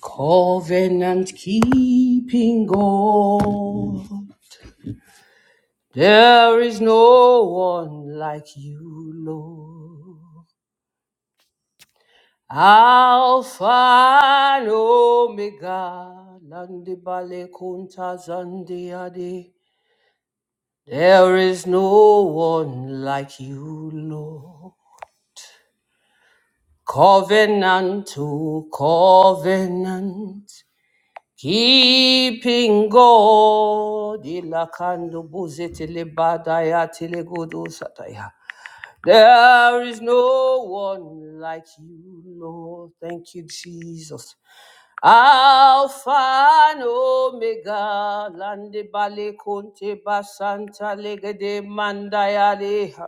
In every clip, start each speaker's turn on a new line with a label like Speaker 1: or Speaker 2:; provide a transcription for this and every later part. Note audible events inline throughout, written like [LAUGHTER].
Speaker 1: Covenant keeping God, there is no one like you, Lord. Alpha and Omega, Nandi Bale Kunta Zandi Adi. There is no one like you, Lord. Covenant to covenant. Keeping God, ilakando buzetele badaya telegodo sataya. There is no one like you, Lord. Thank you, Jesus. Alpha and Omega, lande bale conte basanta legede mandaya leha.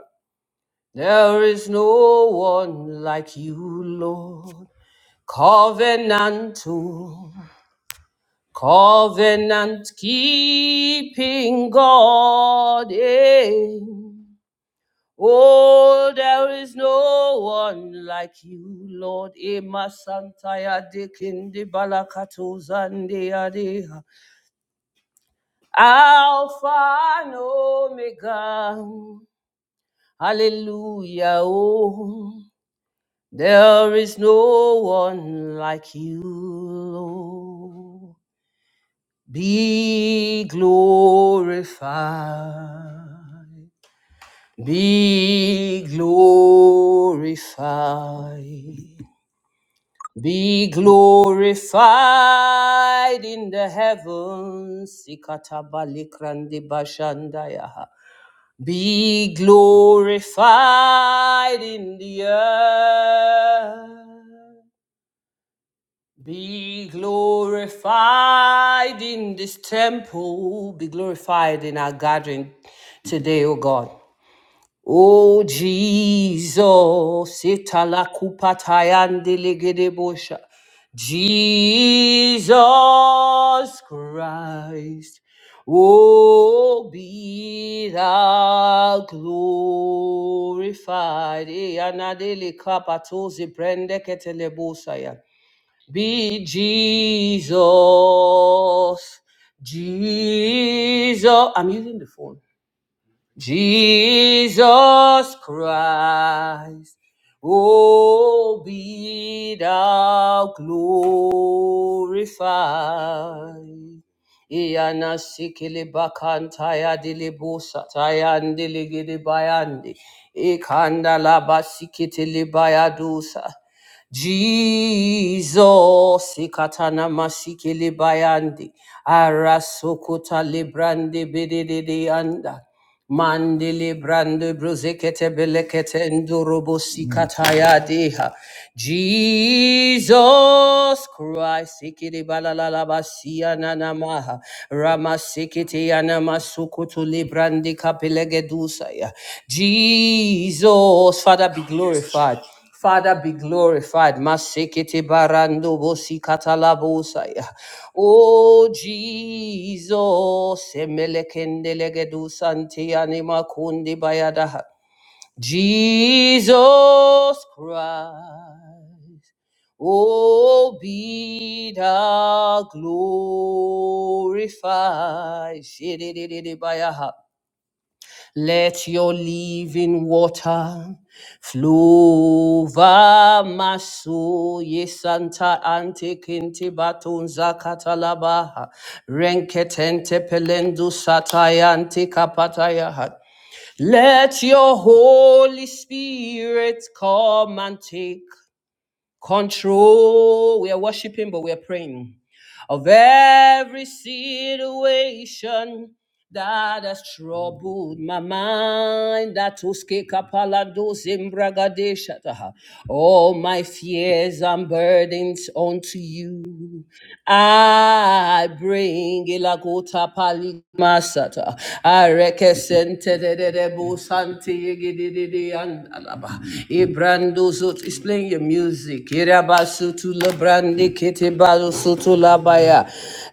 Speaker 1: There is no one like you, Lord. Covenantal. Covenant keeping God. eh. Oh, there is no one like you, Lord. Ema Santaya Dikindi Balakato Zandiadeha. Alpha and Omega. Hallelujah. Oh, there is no one like you, Lord. Be glorified. Be glorified. Be glorified in the heavens. Ikatabalikrandi bashandaya. Be glorified in the earth. Be glorified in this temple. Be glorified in our gathering today, O God. O Jesus, itala kupatayande legedebosha. Jesus Christ, O be thou glorified. Eh, anadele kapatoze brende ketelebosaya be Jesus. Jesus. I'm using the phone. Jesus Christ. Oh, be thou glorified. Iyana sikili bakantaya dilibu sataya ndiligidi bayandi. Ikanda laba sikitili bayadusa. Jesus, ikatana masikele bayandi, arasokota lebrande bedede anda, mandele brande brozekete belekete ndorobo sikataya deha. Jesus Christ, ikede balalala basia nanamaha, ramasekete yanamasukutu lebrande kapelegedusa ya. Jesus, Father be glorified. Father, be glorified. Masekete barando bosi katalabosaya. Oh, Jesus. Emelekendelegedu santi anima kundi bayadaha. Jesus Christ. Oh, be thou glorified. Shididididibayaha. Let your living water flow over my soul. Yes, Santa Ante Kinte Batun Zakatalabaha. Renketente Pelendo Satayante Kapatayaha. Let your Holy Spirit come and take control. We are worshiping, but we are praying. Of every situation that has troubled my mind, that uske kapalados embragadeshataha. All my fears and burdens unto you. I bring ilakota pali masata. I rekesente de de de bo santi yigi di di di andalaba. Ibrando zut is playing your music. Irabasu tu la brandi kiti balu sutu la baya.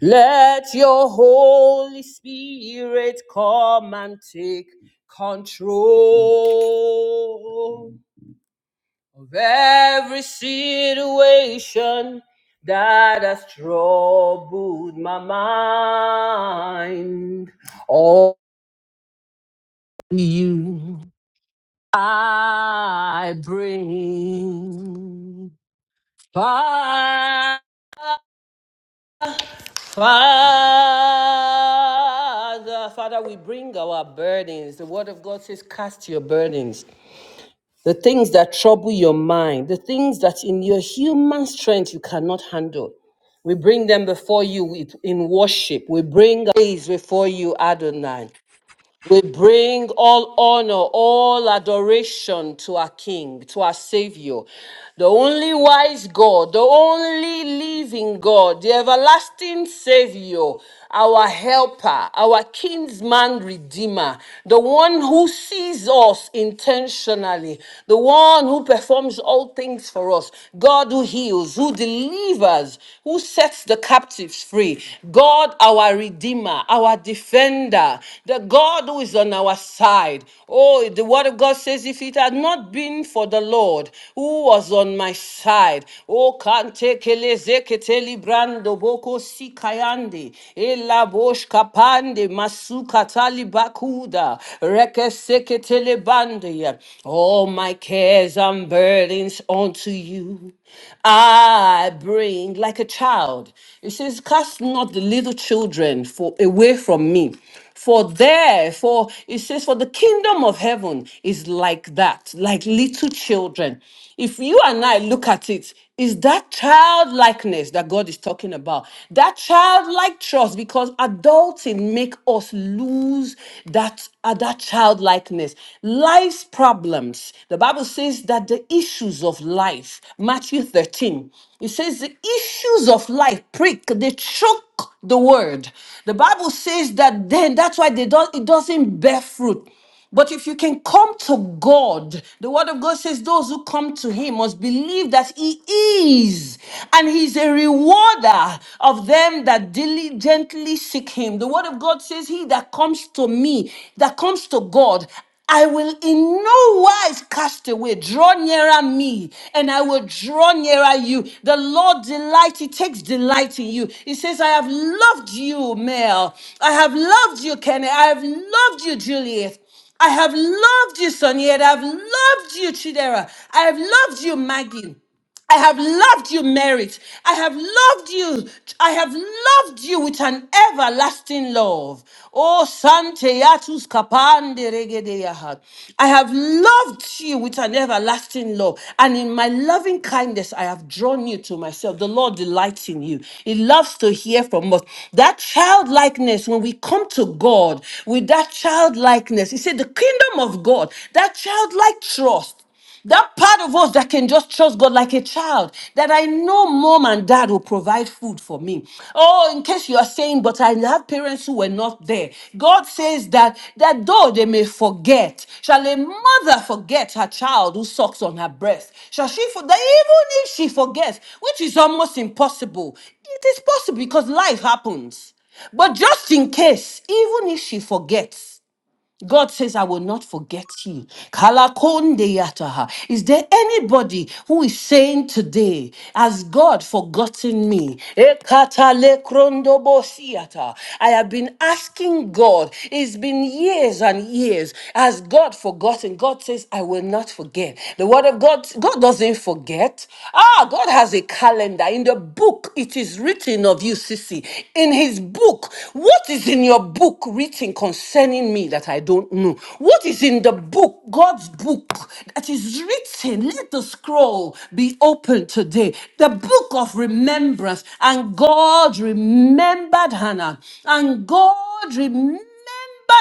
Speaker 1: Let your Holy Spirit come and take control of every situation that has troubled my mind. All to you I bring. Fa- Father, Father, we bring our burdens. The Word of God says, Cast your burdens. the things that trouble your mind, the things that in your human strength you cannot handle. We bring them before you with- in worship. We bring praise before you, Adonai. We bring all honor, all adoration to our King, to our Savior, the only wise God, the only living God, the everlasting Savior, our helper, our kinsman redeemer, the one who sees us intentionally, the one who performs all things for us, God who heals, who delivers, who sets the captives free, God our redeemer, our defender, the God who battle is on our side. Oh, the word of God says, if it had not been for the Lord who was on my side, oh, kante kele zekete librando boko sikayande, elabosh kapande masuka talibakuda, reke sekete lebande. All my cares and burdens unto you I bring like a child. It says, cast not the little children for away from me. For there, for it says, for the kingdom of heaven is like that, like little children. If you and I look at it, is that childlikeness that God is talking about? That childlike trust, because adulting make us lose that, uh, that childlikeness. Life's problems. The Bible says that the issues of life, Matthew 13, it says says the issues of life prick, they choke the word. The Bible says that then that's why they don't it doesn't bear fruit. But if you can come to God, the word of God says those who come to him must believe that he is and he's a rewarder of them that diligently seek him. The word of God says he that comes to me, that comes to God, I will in no wise cast away. Draw nearer me, and I will draw nearer you. The Lord delights; He takes delight in you. He says, I have loved you, Mel. I have loved you, Kenny. I have loved you, Juliet. I have loved you, Sonia. I have loved you, Chidera. I have loved you, Maggie. I have loved you, merit. I have loved you. I have loved you with an everlasting love. Oh, Sante Yatus Kapande Regedeyaha. I have loved you with an everlasting love. And in my loving kindness, I have drawn you to myself. The Lord delights in you. He loves to hear from us. That childlikeness, when we come to God with that childlikeness, He said, the kingdom of God, that childlike trust. That part of us that can just trust God like a child, that I know mom and dad will provide food for me. Oh, in case you are saying, but I have parents who were not there. God says that, that though they may forget, shall a mother forget her child who sucks on her breast? Shall she, forget? even if she forgets, which is almost impossible, it is possible because life happens. But just in case, even if she forgets, God says, I will not forget you. Kalakonde yataha. Is there anybody who is saying today, Has God forgotten me? Ekatale krondobo siyata. I have been asking God, it's been years and years. Has God forgotten? God says, I will not forget. The word of God, God doesn't forget. Ah, God has a calendar. In the book, it is written of you, Sissy. In in his book. What is in your book written concerning me that I don't know? What is in the book, God's book, that is written? Let the scroll be open today. The book of remembrance. And God remembered Hannah. And God remembered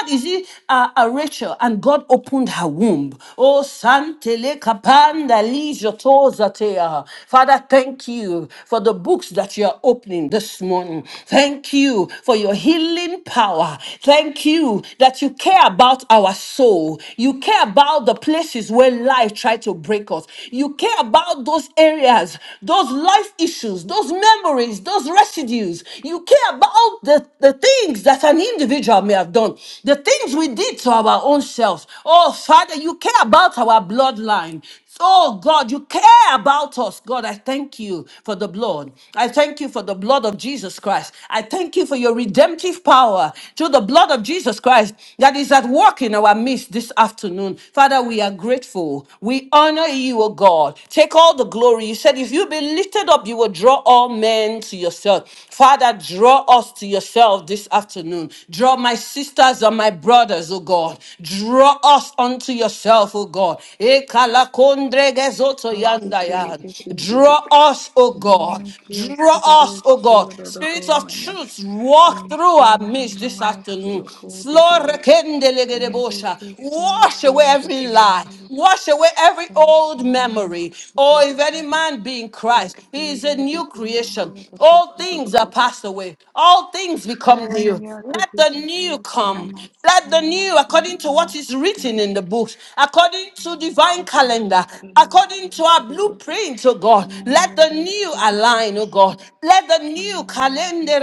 Speaker 1: remembered, you see, uh, uh, Rachel, and God opened her womb. Oh, Santele Kapanda Lijotozatea. Father, thank you for the books that you are opening this morning. Thank you for your healing power. Thank you that you care about our soul. You care about the places where life tried to break us. You care about those areas, those life issues, those memories, those residues. You care about the the, the things that an individual may have done, the things we did to our own selves. Oh, Father, you care about our bloodline. Oh God, you care about us. God, I thank you for the blood. I thank you for the blood of Jesus Christ. I thank you for your redemptive power through the blood of Jesus Christ that is at work in our midst this afternoon. Father, we are grateful. We honor you, oh God. Take all the glory. You said if you be lifted up, you will draw all men to yourself. Father, draw us to yourself this afternoon. Draw my sisters and my brothers, oh God. Draw us unto yourself, oh God. Ekala kondrege zoto yanda yandaya.
Speaker 2: Masikilikipindili
Speaker 1: Draw us, oh God.
Speaker 2: Niyamekia
Speaker 1: Draw
Speaker 2: sururu
Speaker 1: us, oh God. Spirit of
Speaker 2: suyararogonyane
Speaker 1: truth, walk through our midst this
Speaker 2: Linkiandamaya
Speaker 1: afternoon.
Speaker 2: sulukodidi
Speaker 1: Florekendelegedebosha.
Speaker 2: Embekese
Speaker 1: Wash away every lie.
Speaker 2: fiandekemayalık
Speaker 1: Wash away every old memory. Oh, if
Speaker 2: Elekanamasurugosu
Speaker 1: any man be in in Christ. He is a new creation. All things are
Speaker 2: Efiliadikemayadakosurugos
Speaker 1: passed away. All things become new. Let the new
Speaker 2: Hemyadikiselik
Speaker 1: come.
Speaker 2: Maya
Speaker 1: Let the new, according to what is written in the books, according to divine calendar, according to our
Speaker 2: da
Speaker 1: blueprint, oh God. Let the new align, oh
Speaker 2: Mayarasurugosun
Speaker 1: God. Let the new calendar,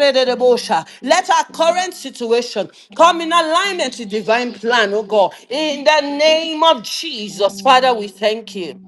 Speaker 1: let our current situation come in alignment to divine plan, oh God. In the name of Jesus, Father, we thank you.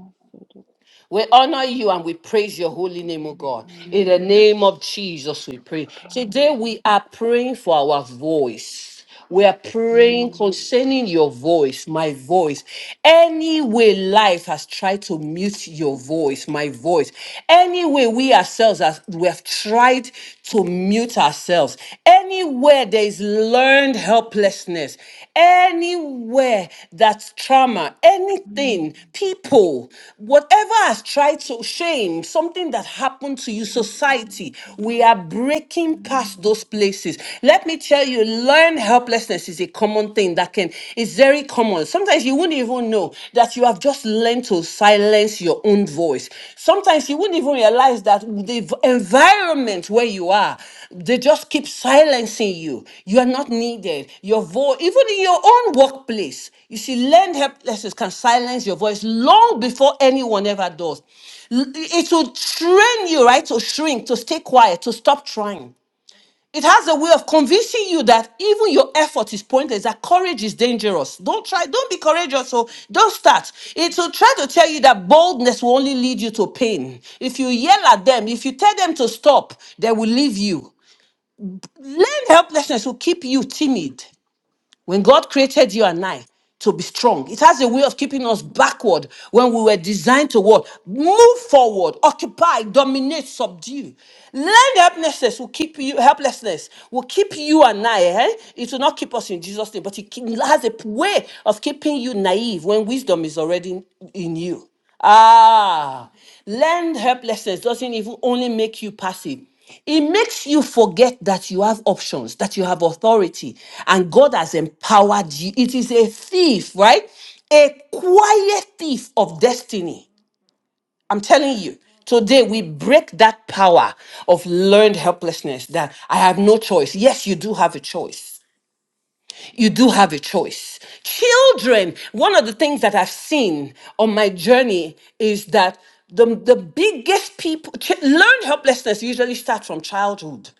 Speaker 1: We honor you and we praise your holy name, O God. In the name of Jesus, we pray. Today we are praying for our voice. We are praying concerning your voice, my voice. Any way life has tried to mute your voice, my voice. Any way we ourselves as we have tried to mute ourselves. Anywhere there is learned helplessness, anywhere that's trauma, anything, people, whatever has tried to shame, something that happened to you, society, we are breaking past those places. Let me tell you, learned helplessness is a common thing that can, it's very common. Sometimes you wouldn't even know know that you have just learned to silence your own voice. Sometimes you wouldn't even realize that the v- environment where you are, they just keep silencing you. You are not needed. Your voice, even in your own workplace, you see, learned helplessness can silence your voice long before anyone ever does. L- It will train you, right, to shrink, to stay quiet, to stop trying. It has a way of convincing you that even your effort is pointless, that courage is dangerous. Don't try, don't be courageous, so don't start. It will try to tell you that boldness will only lead you to pain. If you yell at them, if you tell them to stop, they will leave you. Learned helplessness will keep you timid. When God created you and I to be strong, it has a way of keeping us backward when we were designed to what? Move forward, occupy, dominate, subdue. Learned helplessness will keep you helplessness will keep you and I. Eh? It will not keep us in Jesus' name, but it ke- it has a p- way of keeping you naive when wisdom is already in you. Ah, Learned helplessness doesn't even only make you passive. It makes you forget that you have options, that you have authority, and God has empowered you. It is a thief, right? A quiet thief of destiny. I'm telling you, today we break that power of learned helplessness that I have no choice. Yes, you do have a choice you do have a choice. Children, one of the things that I've seen on my journey is that the, the biggest people, ch- learn helplessness usually starts from childhood.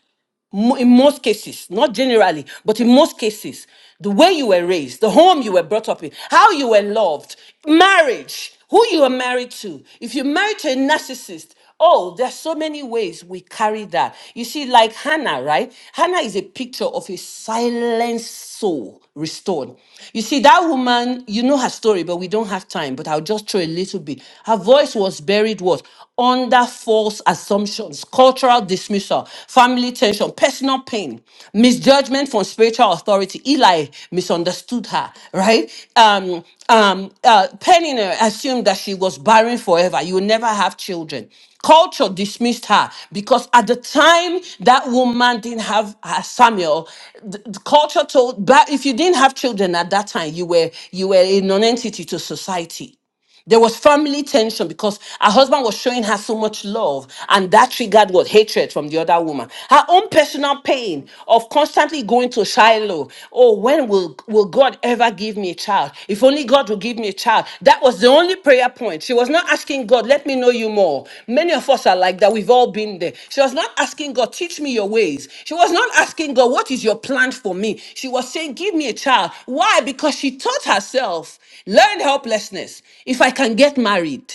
Speaker 1: Mo- in most cases, not generally, but in most cases, the way you were raised, the home you were brought up in, how you were loved, marriage, who you are married to. If you're married to a narcissist, oh, there's so many ways we carry that. You see, like Hannah, right? Hannah is a picture of a silent soul restored. You see, that woman, you know her story, but we don't have time, but I'll just throw a little bit. Her voice was buried what? Under false assumptions, cultural dismissal, family tension, personal pain, misjudgment from spiritual authority. Eli misunderstood her, right? Um, um, uh, Penina assumed that she was barren forever. You will never have children. Culture dismissed her because at the time that woman didn't have her Samuel, the, the culture told, but if you didn't have children at that time, you were you were a non-entity to society there was family tension because her husband was showing her so much love, and that triggered what hatred from the other woman. Her own personal pain of constantly going to Shiloh. Oh, when will, will God ever give me a child? If only God will give me a child. That was the only prayer point. She was not asking God, let me know you more. Many of us are like that. We've all been there. She was not asking God, teach me your ways. She was not asking God, what is your plan for me? She was saying, give me a child. Why? Because she taught herself. Learn helplessness. If I can get married,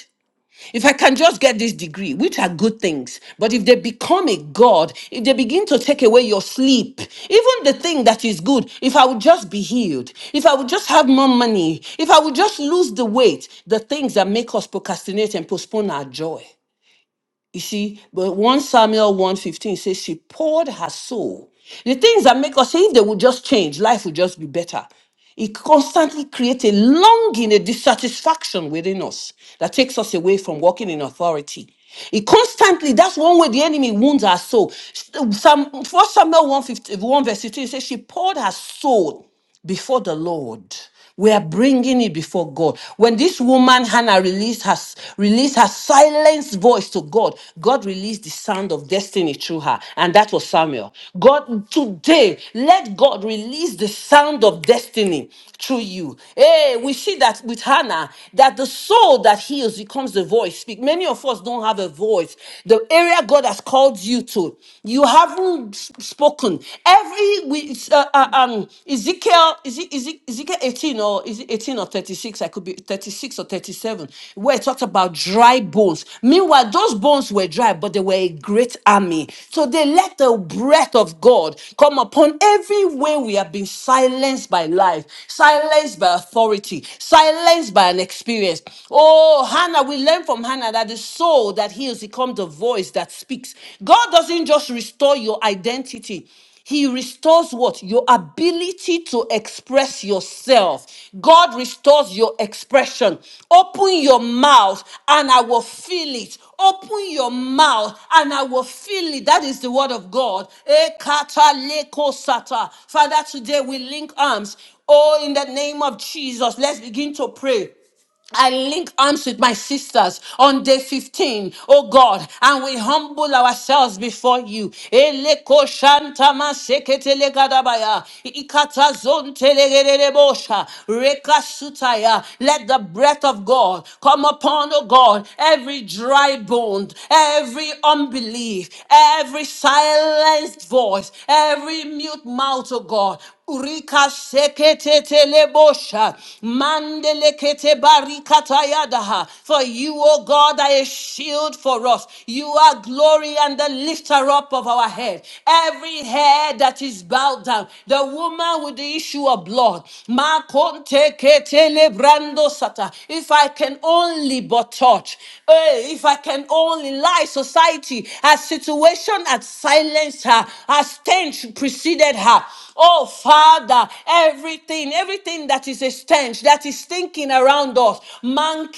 Speaker 1: if I can just get this degree, which are good things, but if they become a God, if they begin to take away your sleep, even the thing that is good, if I would just be healed, if I would just have more money, if I would just lose the weight, the things that make us procrastinate and postpone our joy. You see, but 1 Samuel one fifteen says she poured her soul. The things that make us say if they would just change, life would just be better. It constantly creates a longing, a dissatisfaction within us that takes us away from walking in authority. It constantly, that's one way the enemy wounds our soul. Some, 1 Samuel 1, fifteen, one verse 15 says she poured her soul before the Lord. We are bringing it before God. When this woman Hannah released her, released her silenced voice to God, God released the sound of destiny through her, and that was Samuel. God, today, let God release the sound of destiny through you. Hey, we see that with Hannah, that the soul that heals becomes the voice. Speak. Many of us don't have a voice. The area God has called you to, you haven't unspoken. Every we uh, uh, um Ezekiel is it, is it Ezekiel 18 or is it 18 or 36? I could be 36 or 37, where it talks about dry bones. Meanwhile, those bones were dry, but they were a great army. So they let the breath of God come upon every way we have been silenced by life, silenced by authority, silenced by an experience. Oh, Hannah, we learn from Hannah that the soul that that heals, he becomes the voice that speaks. God doesn't just restore your identity. He restores what? Your ability to express yourself. God restores your expression. Open your mouth and I will fill it. Open your mouth and I will fill it. That is the word of God. Ekata leko sata. Father, today we link arms. Oh, in the name of Jesus, let's begin to pray. I link arms with my sisters on day 15, O God, and we humble ourselves before you. Eleko shanta maseketele gadabaya, ikata zontelegedele bosha, reka Let the breath of God come upon, oh God, every dry bone, every unbelief, every silenced voice, every mute mouth, oh God. Urika sekete telebosha, mandele kete barikata yadaha. For you, O God, are a shield for us. You are glory and the lifter up of our head. Every head that is bowed down, the woman with the issue of blood. Makonte kete lebrando sata. If I can only but touch, eh, if I can only lie, society, our situation had silenced her, her stench stench preceded her. Oh, Father, everything, everything that is a stench, that is stinking around us, man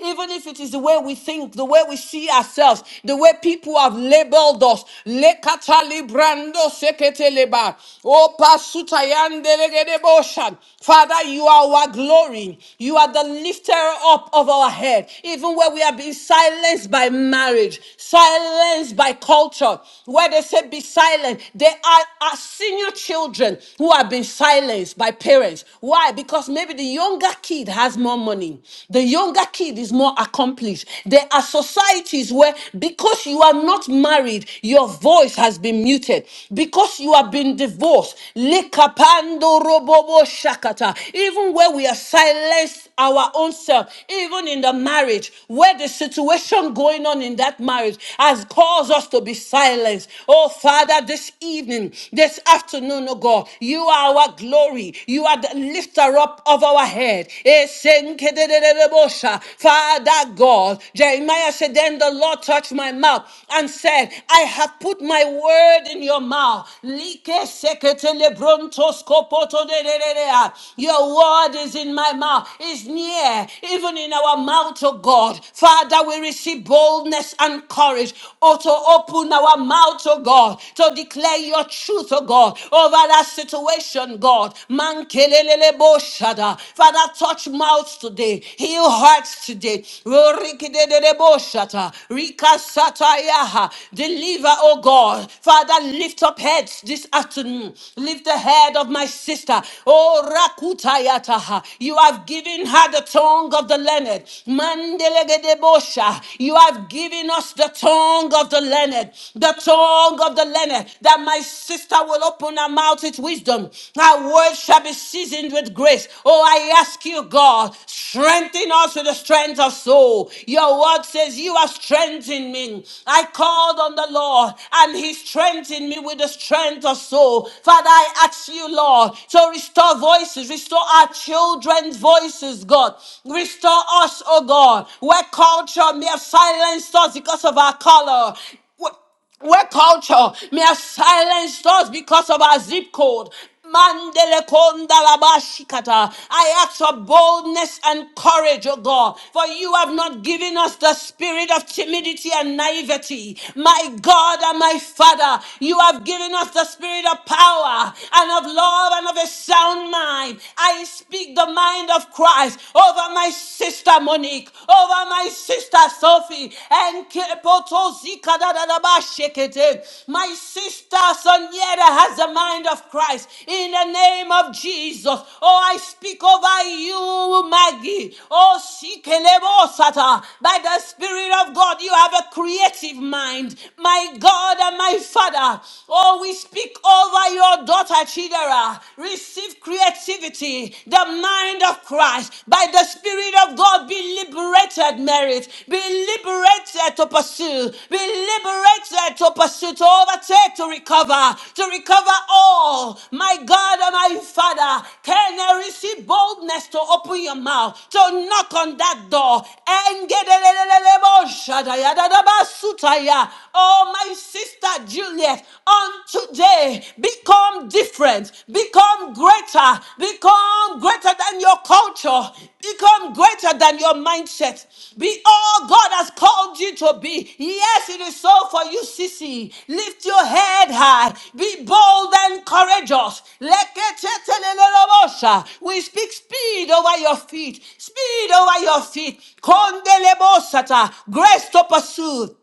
Speaker 1: even if it is the way we think, the way we see ourselves, the way people have labeled us, lekatalibrando seketeleba. Oh, pasutayandelegedebosha. Father, you are our glory. You are the lifter up of our head, even where we have been silenced by marriage, silenced by by culture, where they say be silent. They are, are senior children who have been silenced by parents. Why? Because maybe the younger kid has more money, the younger kid is more accomplished. There are societies where because you are not married, your voice has been muted. Because you have been divorced, lekapando robobo shakata. Even where we are silenced our own self, even in the marriage where the situation going on in that marriage has caused us to be silenced. Oh, Father, this evening, this afternoon, oh God, you are our glory. You are the lifter up of our head. Esenkedededebosha. Father God, Jeremiah said, Then the Lord touched my mouth and said, I have put my word in your mouth. Like sekete lebrontos kopoto de de de de. Your word God is in my mouth, is near, even in our mouth, oh God. Father, we receive boldness and courage, oh, to open our mouth, oh God, to declare your truth, oh God, over that situation, God. Man kelelele bo shada. Father, touch mouths today, heal hearts today. Oh, rikidedede bo shata, rika sata yaha. Deliver, oh God. Father, lift up heads this afternoon. Lift the head of my sister. Oh, Rakutayataha. You have given her the tongue of the learned. Mandelegedebosha. You have given us the tongue of the learned. The tongue of the learned. That my sister will open her mouth with wisdom. Her words shall be seasoned with grace. Oh, I ask you, God, strengthen us with the strength of soul. Your word says, You are strengthening me. I called on the Lord, and He strengthened me with the strength of soul. Father, I ask ask you, Lord, to restore voices, restore our children's voices, God. Restore us, oh God, where culture may have silenced us because of our color. Wh- where culture may have silenced us because of our zip code. Mandele konda la bashikata. I ask for boldness and courage, O God, for you have not given us the spirit of timidity and naivety. My God and my Father, you have given us the spirit of power and of love and of a sound mind. I speak the mind of Christ over my sister Monique, over my sister Sophie, and my sister Soniera has the mind of Christ. In the name of Jesus. Oh, I speak over you, Maggie. Oh, Sikelebosata. By the Spirit of God, you have a creative mind. My God and my Father. Oh, we speak over your daughter, Chidera. Receive creativity, the mind of Christ. By the Spirit of God be liberated, merit. Be liberated to pursue. Be liberated to pursue, to overtake, to recover, to recover all. My God and my Father, can I receive boldness to open your mouth, to knock on that door? Engedelelelelebo shadayadadabasutaya. Oh, my sister Juliet, on today, become become different, become greater, become greater than your culture, become greater than your mindset. Be all God has called you to be. Yes, it is so for you, Sissy. Lift your head high, be bold and courageous. Leketetelelelobosha. We speak speed over your feet, speed over your feet. Kondelebosata. Grace to pursue.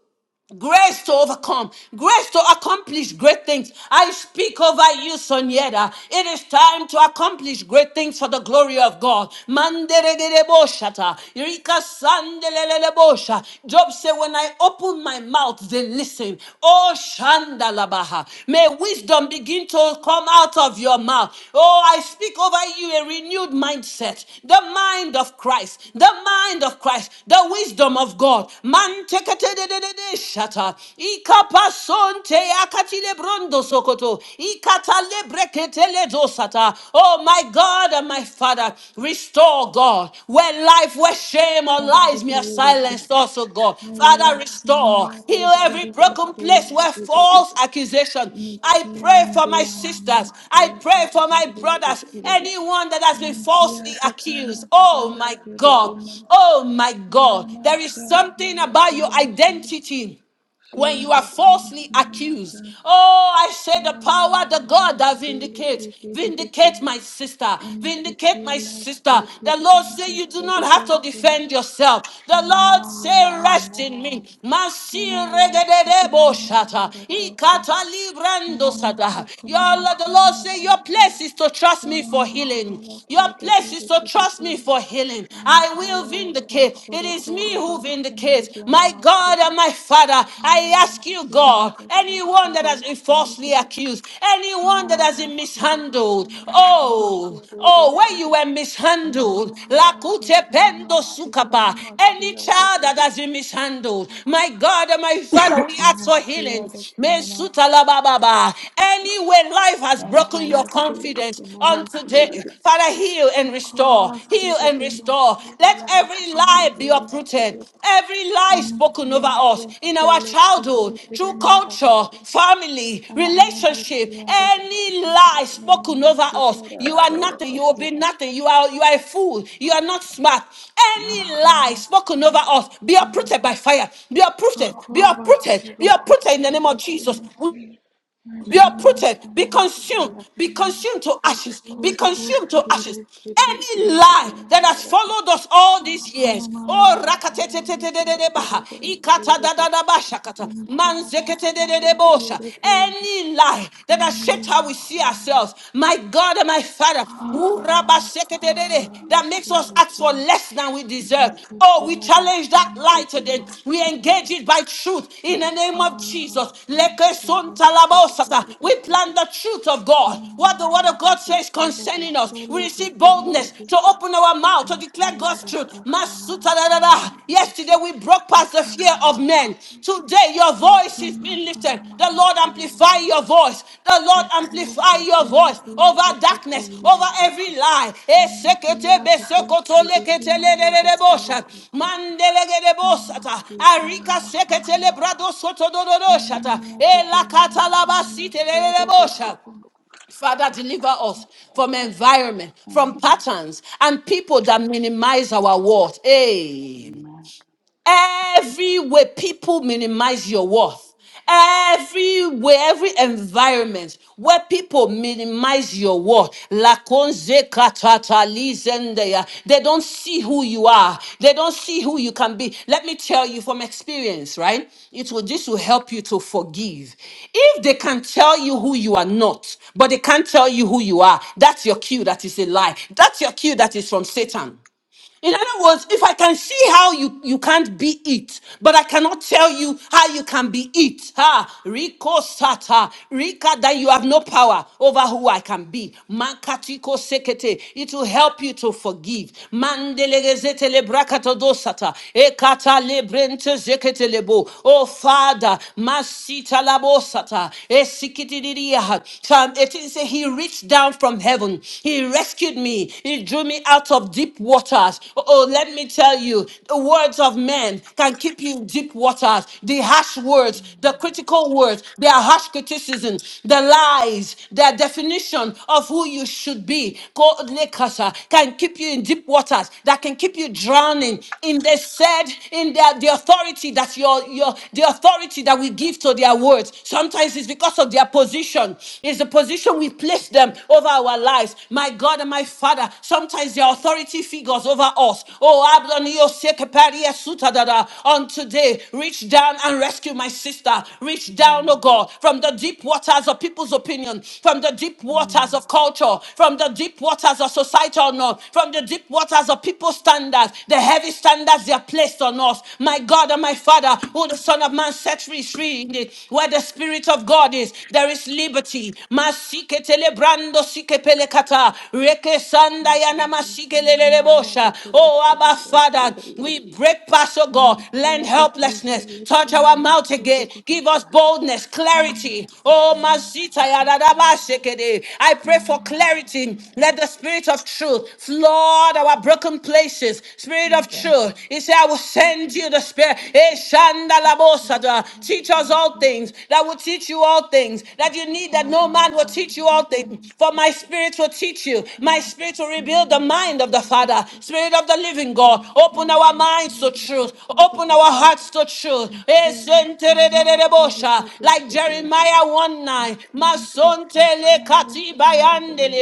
Speaker 1: Grace to overcome, grace to accomplish great things. I speak over you, Soniera. It is time to accomplish great things for the glory of God. Manderedeboshata, Rika sandelelelebosha. Job said, When I open my mouth, they listen. Oh, Shandalabaha. May wisdom begin to come out of your mouth. Oh, I speak over you a renewed mindset, the mind of Christ, the mind of Christ, the wisdom of God. Man shata. Ikapasonte akatile brondo sokoto. Ikatale breketele dosata. Oh my God and my Father, restore God. Where life, where shame or lies me are silenced also God. Father, restore. Heal every broken place where false accusation. I pray
Speaker 2: Mikian
Speaker 1: for my
Speaker 2: Diana
Speaker 1: sisters. I
Speaker 2: Masolo
Speaker 1: pray for my
Speaker 2: Kosuria de
Speaker 1: brothers.
Speaker 2: Kire
Speaker 1: Anyone that has been falsely
Speaker 2: Entia de
Speaker 1: accused.
Speaker 2: camas
Speaker 1: Oh
Speaker 2: la
Speaker 1: my
Speaker 2: que de
Speaker 1: God.
Speaker 2: quemas,
Speaker 1: Oh my God. There
Speaker 2: enemas
Speaker 1: is
Speaker 2: ya que a
Speaker 1: something
Speaker 2: la
Speaker 1: about
Speaker 2: que
Speaker 1: your
Speaker 2: no más tienes,
Speaker 1: identity when
Speaker 2: shia
Speaker 1: you are
Speaker 2: de quemas
Speaker 1: falsely
Speaker 2: y no
Speaker 1: accused.
Speaker 2: marcas,
Speaker 1: Oh, I say the
Speaker 2: ola
Speaker 1: power,
Speaker 2: y a
Speaker 1: the
Speaker 2: la
Speaker 1: God
Speaker 2: más
Speaker 1: that
Speaker 2: y le
Speaker 1: vindicates.
Speaker 2: que vede de que,
Speaker 1: Vindicate my sister. Vindicate
Speaker 2: entiki a
Speaker 1: my
Speaker 2: la
Speaker 1: sister.
Speaker 2: sote
Speaker 1: The
Speaker 2: que
Speaker 1: Lord say
Speaker 2: anda
Speaker 1: you do not
Speaker 2: soro
Speaker 1: have to
Speaker 2: cosun,
Speaker 1: defend yourself. The Lord
Speaker 2: sonoma y a la
Speaker 1: say rest in me.
Speaker 2: amen.
Speaker 1: Masi
Speaker 2: Ay a la
Speaker 1: regedebo
Speaker 2: sokonoma y a
Speaker 1: shata.
Speaker 2: la casi,
Speaker 1: Ikata librando
Speaker 2: sonoma
Speaker 1: sata. Your
Speaker 2: sokonoma
Speaker 1: Lord, the Lord say your
Speaker 2: sonomasun,
Speaker 1: place is to trust me for
Speaker 2: sonoma
Speaker 1: healing.
Speaker 2: sala que
Speaker 1: Your
Speaker 2: de que
Speaker 1: place is
Speaker 2: de
Speaker 1: to
Speaker 2: que de
Speaker 1: trust me
Speaker 2: que,
Speaker 1: for healing. I will vindicate
Speaker 2: Antaya
Speaker 1: vindicate. It
Speaker 2: kasoro
Speaker 1: is me
Speaker 2: kororo
Speaker 1: who vindicates.
Speaker 2: sundige
Speaker 1: My
Speaker 2: namasi.
Speaker 1: God and my Father, I
Speaker 2: Shayala
Speaker 1: ask you, God,
Speaker 2: siyada
Speaker 1: anyone that
Speaker 2: kosoro
Speaker 1: has been falsely
Speaker 2: sundige.
Speaker 1: accused, anyone that has
Speaker 2: Shayala
Speaker 1: been
Speaker 2: soro
Speaker 1: mishandled,
Speaker 2: kusunama shana
Speaker 1: oh, oh,
Speaker 2: kerereke.
Speaker 1: where you were mishandled,
Speaker 2: Alaya la
Speaker 1: lakute
Speaker 2: kasana
Speaker 1: pendo
Speaker 2: masi
Speaker 1: sukapa,
Speaker 2: kanamasi
Speaker 1: any child
Speaker 2: adeke.
Speaker 1: that has been mishandled, my God and my Father, we ask for
Speaker 2: Masi
Speaker 1: healing.
Speaker 2: adeke namasi.
Speaker 1: Mesuta la ba ba Any way life has
Speaker 2: kanamasiya deke. Masiya deke
Speaker 1: broken your
Speaker 2: namas. Ekala
Speaker 1: confidence,
Speaker 2: sidike
Speaker 1: on
Speaker 2: namasi
Speaker 1: today.
Speaker 2: adeke.
Speaker 1: Father, heal and
Speaker 2: Akala
Speaker 1: restore. Heal and
Speaker 2: sidike
Speaker 1: restore.
Speaker 2: masi
Speaker 1: Let
Speaker 2: ala
Speaker 1: every lie
Speaker 2: kasindike
Speaker 1: be
Speaker 2: adeke.
Speaker 1: uprooted. Every lie spoken over
Speaker 2: Amicitiato
Speaker 1: us in our
Speaker 2: solo pro
Speaker 1: childhood,
Speaker 2: tedere
Speaker 1: through culture,
Speaker 2: miradeki.
Speaker 1: family, relationship,
Speaker 2: Amalekiadeki
Speaker 1: any lie
Speaker 2: sentekle
Speaker 1: spoken over us.
Speaker 2: namazitere
Speaker 1: You are nothing. You will
Speaker 2: sorodaki.
Speaker 1: be nothing. You are you are a fool. You are not smart. Any lie
Speaker 2: Ankara
Speaker 1: spoken over
Speaker 2: sada
Speaker 1: us, be
Speaker 2: kazanma.
Speaker 1: uprooted by fire. Be uprooted. Be
Speaker 2: Şokolo
Speaker 1: uprooted.
Speaker 2: basuro
Speaker 1: Be uprooted in the
Speaker 2: kosuro
Speaker 1: name of Jesus
Speaker 2: kosimas.
Speaker 1: be
Speaker 2: Yaşanma
Speaker 1: uprooted, be
Speaker 2: sana
Speaker 1: consumed, be
Speaker 2: salakinamas.
Speaker 1: consumed to ashes, be
Speaker 2: Koto
Speaker 1: consumed to
Speaker 2: kirire
Speaker 1: ashes. Any
Speaker 2: kedisindeki
Speaker 1: lie that has
Speaker 2: mayarakı.
Speaker 1: followed us all these
Speaker 2: Sana
Speaker 1: years, oh
Speaker 2: mayarak hayarak osuro
Speaker 1: rakatetetetetetebaha,
Speaker 2: dosireki.
Speaker 1: ikatadadadabashakata,
Speaker 2: Enteara
Speaker 1: manzeketetebosha.
Speaker 2: salakireki.
Speaker 1: any lie
Speaker 2: Perché te tendi
Speaker 1: that has shaped how we see ourselves, my God and my Father, body that makes us ask for less than we deserve. Oh, we challenge that lie today. We engage it by truth in the name of Jesus. Leke son talabosata. We plan the truth of God. What the word of God says concerning us. We receive boldness to open our mouth to declare God's truth. Masuta da da da. Yesterday we broke past the fear of of men. Today, your voice is being lifted. The Lord amplify your voice. The Lord amplify your voice
Speaker 2: a
Speaker 1: over
Speaker 2: te ti
Speaker 1: darkness,
Speaker 2: togli
Speaker 1: over
Speaker 2: loco
Speaker 1: every lie.
Speaker 2: and
Speaker 1: Esekete
Speaker 2: via this
Speaker 1: besokoto
Speaker 2: she
Speaker 1: lekete
Speaker 2: became a
Speaker 1: lelelelebosha.
Speaker 2: Yadokolokos, Sonamas,
Speaker 1: Mandelegedebosata. Arika
Speaker 2: Kanamas,
Speaker 1: sekete
Speaker 2: Namas,
Speaker 1: lebrado soto dododoshata.
Speaker 2: and
Speaker 1: Elakata
Speaker 2: Yapitanamas, Sonamas,
Speaker 1: labasite
Speaker 2: Sodokos,
Speaker 1: lelelebosha. Father, deliver us from environment, from patterns, and people that minimize our worth. Amen. Everywhere people minimize your worth. Everywhere, every environment where people minimize your worth. Lakonze katatalizendeya. They don't see who you are. They don't see who you can be. Let me tell you from experience, right? It will this will help you to forgive. If they can tell you who you are not, but they can't tell you who you are, that's your cue that is a lie. That's your cue that is from Satan. In other words, if I can see how you, you can't be it, but I cannot tell you how you can be it, ha, Rico Sata, Rika, that you have no power over who I can be. Makatiko Sekete, it will help you to forgive. Mandelegezete le brakato sata, Ekata le brente zekete lebo. Oh Father, Masita labo sata, esikiti diriya. Psalm 18 says, He reached down from heaven, He rescued me me. He drew me out of deep waters. Oh, let me tell you, the words of men can keep you in deep waters. The harsh words, the critical words, their harsh criticisms, the lies, their definition of who you should be, God, lekasa, can keep you in deep waters. That can keep you drowning in the said, in the, the authority that your your the authority that we give to their words. Sometimes it's because of their position. It's the position we place them them over our lives. My God and my Father, sometimes the authority figures over us. Oh, Ablon Yosekepari Esutadada. on today, reach down and rescue my sister. Reach down, oh God, from the deep waters of people's opinion, from the deep waters of culture, from the deep waters of societal norm, from the deep waters of people's standards, the heavy standards they are placed on us. My God and my Father, who the Son of Man set free, is free indeed. Where the Spirit of God is, there is is liberty. masike telebrando, sike kata. Reke sanda yana masike bosha. Oh, Abba Father, we break past, oh God,
Speaker 2: and
Speaker 1: land
Speaker 2: Tia, the kid,
Speaker 1: helplessness. Touch our
Speaker 2: Philippian,
Speaker 1: mouth
Speaker 2: Sodo,
Speaker 1: again. Give us boldness, clarity.
Speaker 2: Sunamasi,
Speaker 1: Oh,
Speaker 2: Kana,
Speaker 1: Masita
Speaker 2: the Cossin,
Speaker 1: yadadaba sekede. I pray for
Speaker 2: Shana,
Speaker 1: clarity. Let the spirit of truth flood our broken places.
Speaker 2: the
Speaker 1: Spirit of
Speaker 2: Cossin,
Speaker 1: truth. He said, I will send you the spirit. Eh, shanda la bosada.
Speaker 2: Sırtımın
Speaker 1: Teach us all all
Speaker 2: üstünde
Speaker 1: things, that will teach you all things, that you need that
Speaker 2: sana
Speaker 1: no
Speaker 2: da
Speaker 1: man will teach
Speaker 2: bir
Speaker 1: you
Speaker 2: ne
Speaker 1: all
Speaker 2: var
Speaker 1: things. For
Speaker 2: nasıl?
Speaker 1: my spirit will teach you.
Speaker 2: Sana
Speaker 1: My spirit will
Speaker 2: maske ne
Speaker 1: rebuild the
Speaker 2: malı
Speaker 1: mind of the
Speaker 2: tıbbi tıbbi
Speaker 1: Father,
Speaker 2: tıbbi.
Speaker 1: Spirit of the living God. Open our
Speaker 2: Emekliyiz ki
Speaker 1: minds to
Speaker 2: ya
Speaker 1: truth,
Speaker 2: da sordu
Speaker 1: open
Speaker 2: da
Speaker 1: our
Speaker 2: ko
Speaker 1: hearts to truth. Eh,
Speaker 2: emekliyiz ama artık
Speaker 1: sentererererebosa.
Speaker 2: dedi
Speaker 1: Like
Speaker 2: söyledi.
Speaker 1: Jeremiah 1 9.
Speaker 2: Kim ki sahteyi lafında dedi.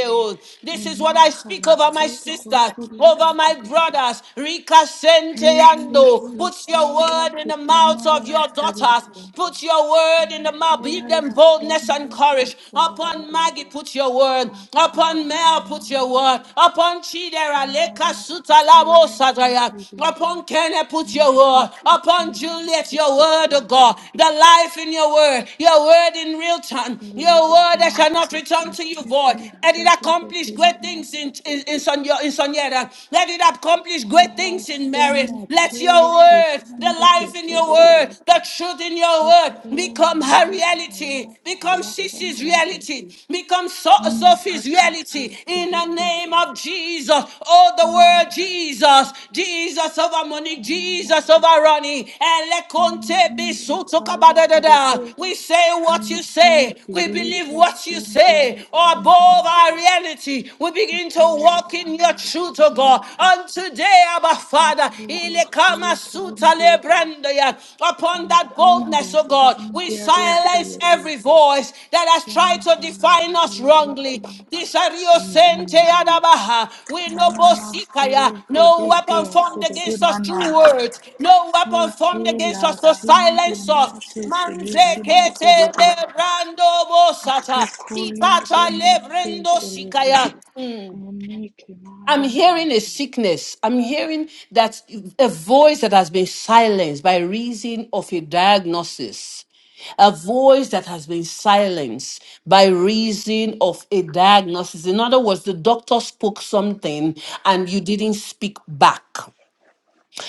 Speaker 1: This
Speaker 2: En
Speaker 1: is what I speak
Speaker 2: makarası
Speaker 1: over my
Speaker 2: sordu
Speaker 1: sisters,
Speaker 2: koşuyla
Speaker 1: over my
Speaker 2: koşturdu.
Speaker 1: brothers. Rika senteyando.
Speaker 2: Herkesi
Speaker 1: Put your
Speaker 2: filiye
Speaker 1: word in in the mouths of your
Speaker 2: tekemaya sordu
Speaker 1: daughters.
Speaker 2: kuru.
Speaker 1: Put your word in the mouth.
Speaker 2: Emekliyiz
Speaker 1: Give them
Speaker 2: ki
Speaker 1: boldness and
Speaker 2: ya da
Speaker 1: courage.
Speaker 2: sordu
Speaker 1: Upon
Speaker 2: kuru.
Speaker 1: Maggie, put your word. Upon Mel, put your
Speaker 2: Akasamarasana
Speaker 1: word. Upon Chidera, Leka, Suta, Labo,
Speaker 2: Amarasakaya
Speaker 1: Sadaya.
Speaker 2: Katiri
Speaker 1: Upon Kenneth, put
Speaker 2: and
Speaker 1: your word. Upon Juliet, your word, oh God.
Speaker 2: Sitikimasikiti
Speaker 1: The life in your word. Your word in real time. Your word that shall not
Speaker 2: Telelikimasiki
Speaker 1: return to you void.
Speaker 2: Siti
Speaker 1: Let it accomplish great things in,
Speaker 2: Adedekimanasikiti
Speaker 1: in, in, Sonia, in Soniera. Let it accomplish great things in Mary spirit.
Speaker 2: Haraseme
Speaker 1: Let your
Speaker 2: Teliki
Speaker 1: word, the
Speaker 2: Sandiki
Speaker 1: life in your word,
Speaker 2: Siduru
Speaker 1: the truth in your word
Speaker 2: Hekea
Speaker 1: become her reality,
Speaker 2: Mekaya
Speaker 1: become Sissy's
Speaker 2: Salakamanidi
Speaker 1: reality, become So- Sophie's
Speaker 2: Pakasi
Speaker 1: reality in the
Speaker 2: Sidiki
Speaker 1: name of Jesus. Oh, the
Speaker 2: Hayan
Speaker 1: word Jesus, Jesus over Monique, Jesus
Speaker 2: Sikamamakis
Speaker 1: over Ronnie, and Leconte
Speaker 2: Takala
Speaker 1: Bisutokabadadada.
Speaker 2: kerete
Speaker 1: We say what you
Speaker 2: anti
Speaker 1: say, we believe
Speaker 2: filika
Speaker 1: what you say,
Speaker 2: sindia
Speaker 1: above
Speaker 2: sampaya.
Speaker 1: our reality. We begin to
Speaker 2: Hakele
Speaker 1: walk in your
Speaker 2: kaya la
Speaker 1: truth, oh God oh God.
Speaker 2: keramase.
Speaker 1: And today, Abba Father,
Speaker 2: Akuro
Speaker 1: ile kama
Speaker 2: solo
Speaker 1: suta le
Speaker 2: kondia.
Speaker 1: upon that boldness,
Speaker 2: Aikainda
Speaker 1: oh God, we
Speaker 2: sandia dia
Speaker 1: silence
Speaker 2: selete.
Speaker 1: every voice that has tried to
Speaker 2: Sampaya
Speaker 1: define us
Speaker 2: solo
Speaker 1: wrongly.
Speaker 2: kusumo.
Speaker 1: Disario sente adabaha. We no
Speaker 2: Anama
Speaker 1: bosikaya,
Speaker 2: sole
Speaker 1: no weapon
Speaker 2: fidikia
Speaker 1: formed
Speaker 2: sedede
Speaker 1: against us true
Speaker 2: mana.
Speaker 1: words, no weapon formed against
Speaker 2: Hekela
Speaker 1: us to
Speaker 2: tindi
Speaker 1: silence us.
Speaker 2: mate seliki
Speaker 1: Manzekete
Speaker 2: masodogo.
Speaker 1: le brando bosata.
Speaker 2: Sukulia de
Speaker 1: Itata
Speaker 2: Masi
Speaker 1: lebrendo
Speaker 2: Filete.
Speaker 1: sikaya.
Speaker 2: Enike
Speaker 1: I'm
Speaker 2: Mayasu.
Speaker 1: hearing a sickness. I'm hearing that a voice that has been silenced by reason of a diagnosis. A voice that has been silenced by reason of a diagnosis. In other words, the doctor spoke something and you didn't speak back.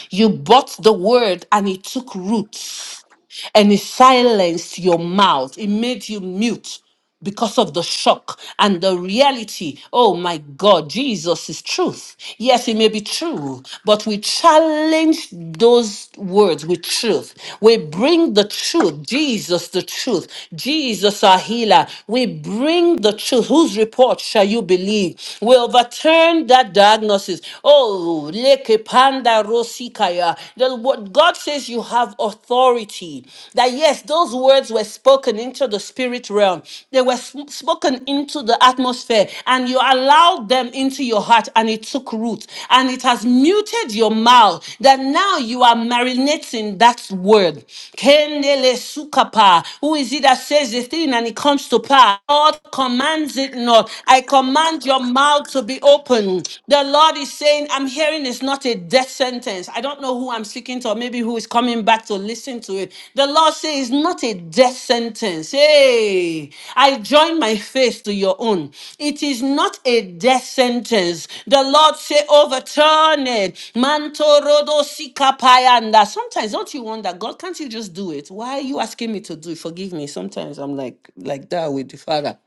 Speaker 1: You bought the word and it took roots and it silenced your mouth. It made you mute because of the shock and the reality. Oh my God, Jesus is truth. Yes, it may be true, but we challenge those words with truth. We bring the truth, Jesus the truth, Jesus our healer. We bring the truth. Whose report shall you believe? We overturn that diagnosis. Oh, leke panda Sikaya. The, what God says you have authority. That yes, those words were spoken into the spirit realm. They were sp- spoken into the atmosphere and you allowed them into your heart and it took root and it has muted your mouth that now you are marinating that word. Kendele sukapa. Who is it that says the thing and it comes to pass? God commands it not. I command your mouth to be open open. The Lord is saying, I'm hearing it's not a death sentence. I don't know who I'm speaking to, or maybe who is coming back to listen to it. The Lord says, it's not a death sentence. Hey, I join my faith to your own. It is not a death sentence. The Lord say, overturn it. Manto rodo sikapayanda. Sometimes don't you wonder, God, can't you just do it? Why are you asking me to do it? Forgive me. Sometimes I'm like like that with the Father.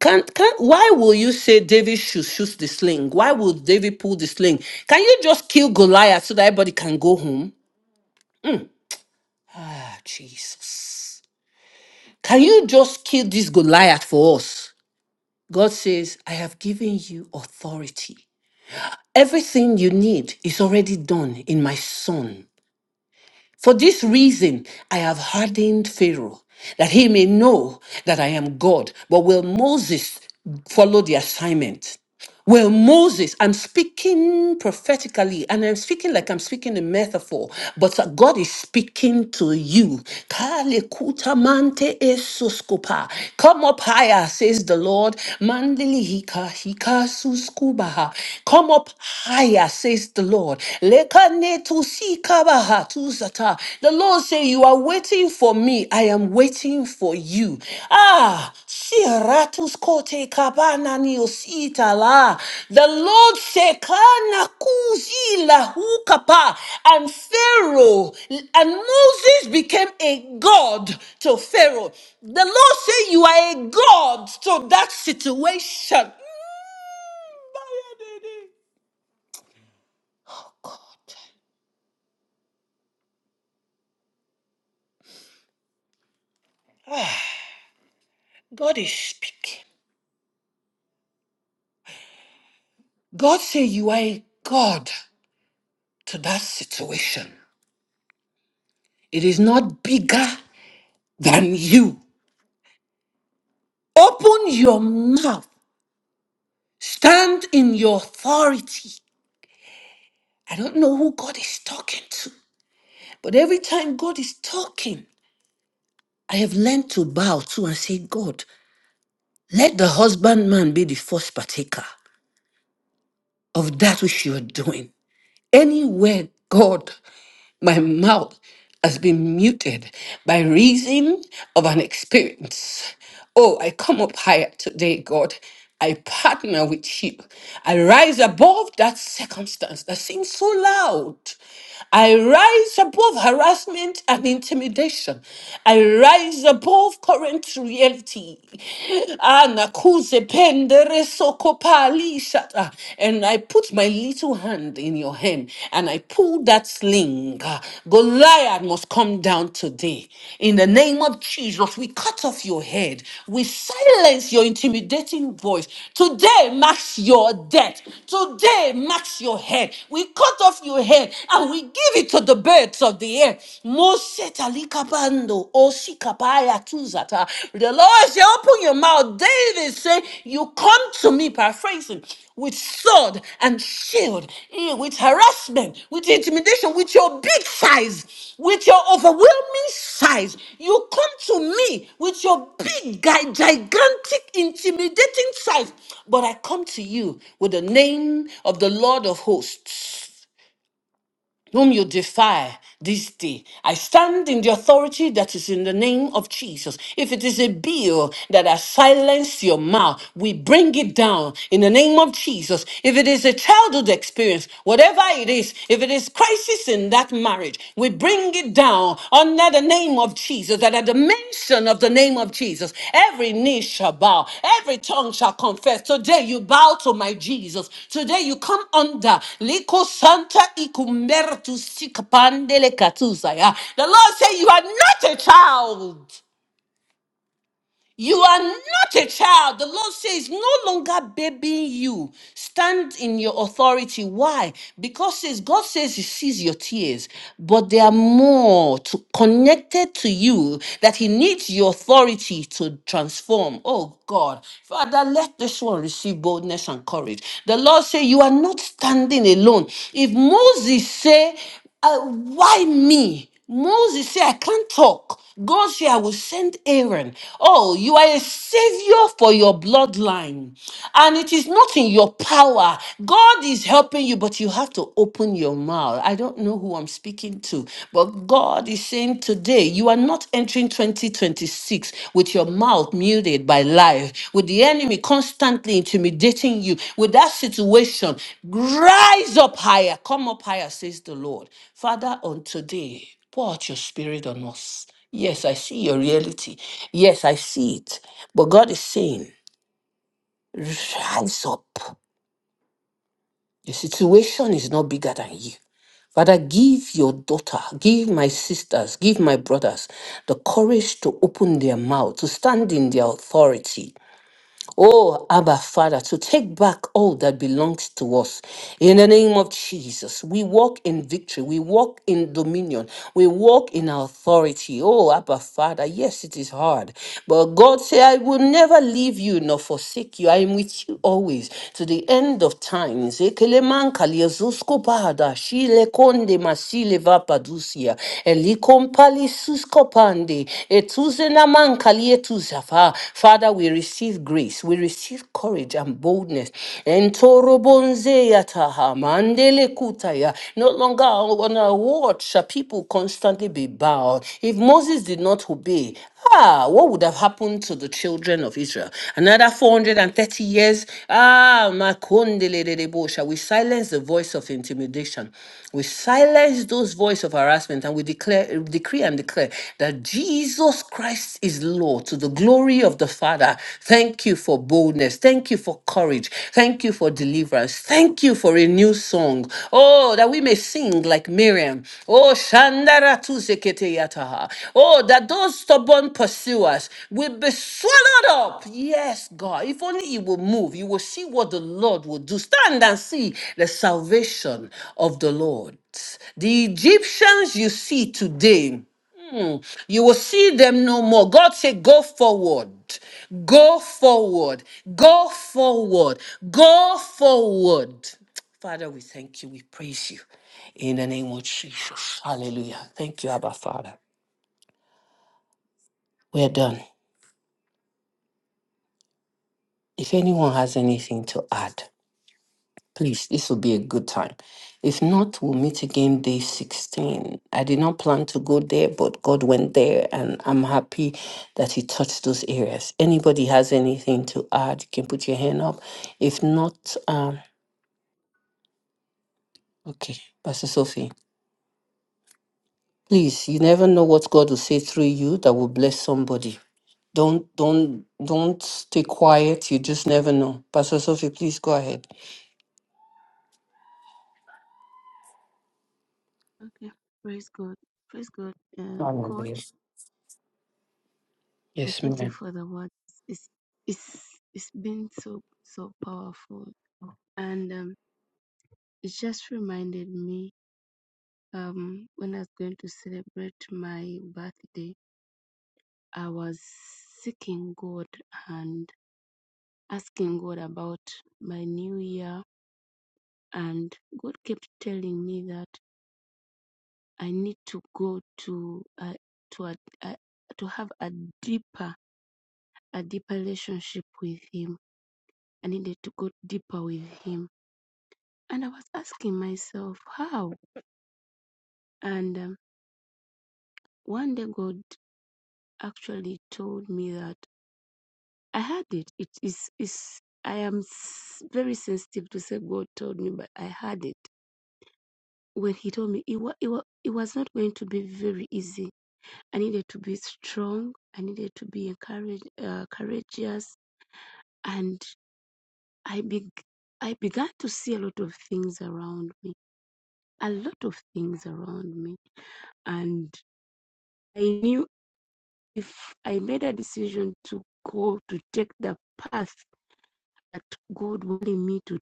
Speaker 1: Can can why will you say David should shoot the sling? Why will David pull the sling? Can you just kill Goliath so that everybody can go home? Ah, Jesus. Can you just kill this Goliath for us? God says, I have given you authority. Everything you need is already done in my son. For this reason, I have hardened Pharaoh, that he may know that I am God. But will Moses follow the assignment? Well, Moses, I'm speaking prophetically and I'm speaking like I'm speaking in metaphor, but uh, God is speaking to you. Kale kuta mante esuskupa. Come up higher, says the Lord. Mandili hika hika suskubaha. Come up higher, says the Lord. Lekane tusikabaha tusata. The Lord say you are waiting for for me. I am waiting for you. Ah, Siratus kote kabana ni osita la. The Lord shekana kuzi la hukapa." And Pharaoh and Moses became a god to Pharaoh. The Lord said, you are a god to that situation. Mm, God is speaking. God say you are a God to that situation. It is not bigger than you. Open your mouth. Stand in your authority. I don't know who God is talking to, but every time God is talking, I have learned to bow to and say, God, let the husbandman be the first partaker of that which you are doing. Anywhere God My mouth has been muted by reason of an experience. Oh, I come up higher today, God. I partner with you. I rise above that circumstance that seems so loud. I rise above harassment and intimidation. I rise above current reality. Anakuze pendere Pali And I put my little hand in your hand and I pulled that sling. Ah, Goliath must come down today. In the name of Jesus, we cut off your head. We silence your intimidating voice. Today marks your death. Today marks your head. We cut off your head and we give it to the birds of the air. Mose talikabando, Shikabaya Tuzata. The Lord said, Open your mouth. David said, You come to me, paraphrasing, with sword and shield, eh, with harassment, with intimidation, with your big size, with your overwhelming size. You come to me with your big, gi- gigantic, intimidating size. But I come to you with the name of the Lord of hosts whom you defy this day. I stand in the authority that is in the name of Jesus. If it is a bill that has silenced your mouth, we bring it down in the name of Jesus. If it is a childhood experience, whatever it is, if it is crisis in that marriage, we bring it down now under the name of Jesus, that at the mention of the name of Jesus, every knee shall bow, every tongue shall confess. Today you bow to my Jesus. Today you come under Liko Santa Ikumbertu Sikapandele Katusaya. The Lord said you are not a child. You are not a child. The Lord says, no longer babying you. Stand in your authority. Why? Because says God says He sees your tears, but there are more to, connected to you that He needs your authority to transform. Oh God, Father, let this one receive boldness and courage. The Lord say, you are not standing alone. If Moses say, uh, "Why me?" Moses said, I can't talk. God said, I will send Aaron. Oh, you are a savior for your bloodline. And it is not in your power. God is helping you, but you have to open your mouth. I don't know who I'm speaking to, but God is saying today, you are not entering 2026 with your mouth muted by life, with the enemy constantly intimidating you, with that situation. Rise up higher. Come up higher, says the Lord. Father, on today. Pour out your spirit on us. Yes, I see your reality. Yes, I see it. But God is saying, rise up. The situation is not bigger than you. Father, give your daughter, give my sisters, give my brothers the courage to open their mouth, to stand in their authority, Oh, Abba, Father, to take back all that belongs to us. In the name of Jesus, we walk in victory. We walk in dominion. We walk in authority. Oh, Abba, Father, yes, it is hard. But God said, I will never leave you nor forsake you. I am with you always to the end of times. Ekeleman kaliezusko bada, shile konde masile vapadusia, elikom pali susko pande, afar. Father, we receive grace, we receive courage and boldness. Entorobonze yataha, mandele kutaya. No longer on our watch shall people constantly be bowed. If Moses did not obey, ah, what would have happened to the children of Israel? Another 430 years? Ah, makondelelelebo. shall we silence the voice of intimidation? We silence those voice of harassment and we declare, decree and declare that Jesus because Christ is Lord, to the glory of the Father, thank you for boldness. Thank you for courage. Thank you for deliverance. Thank you for a new song. Oh, that we may sing like Miriam. Oh, Shandara tu zekete yataha. Oh, that those stubborn pursuers will be swallowed up. Yes, God. If only you will move, you will see what the Lord will do. Stand and see the salvation of the Lord. The Egyptians you see today. You will see them no more. God said, Go forward. Go forward. Go forward. Go forward. Father, we thank you. We praise you. In the name of Jesus. Hallelujah. Thank you, Abba Father. We're done. If anyone has anything to add, Please, this will be a good time. If not, we'll meet again day 16. I did not plan to go there, but God went there, and I'm happy that He touched those areas. Anybody has anything to add, you can put your hand up. If not, um, okay, Pastor Sophie, please, you never know what God will say through you that will bless somebody. Don't, don't, don't stay quiet. You just never know. Pastor Sophie, please go ahead.
Speaker 3: Okay, praise God, praise God, uh,
Speaker 1: Hallelujah.
Speaker 3: Coach. I
Speaker 1: Yes,
Speaker 3: thank
Speaker 1: ma'am.
Speaker 3: you for the words. It's it's it's been so so powerful, and um, it just reminded me um when I was going to celebrate my birthday, I was seeking God and asking God about my new year, and God kept telling me that I need to go to uh, to a, a to have a deeper a deeper relationship with Him. I needed to go deeper with Him. And I was asking myself, how? And um, one day God actually told me that I had it. It is, is I am s- very sensitive to say God told me, but I had it. When He told me, it, wa- it, wa- it was not going to be very easy. I needed to be strong. I needed to be encourage, uh, courageous. And I, beg I began to see a lot of things around me a lot of things around me. And I knew if I made a decision to go to take the path that God wanted me to,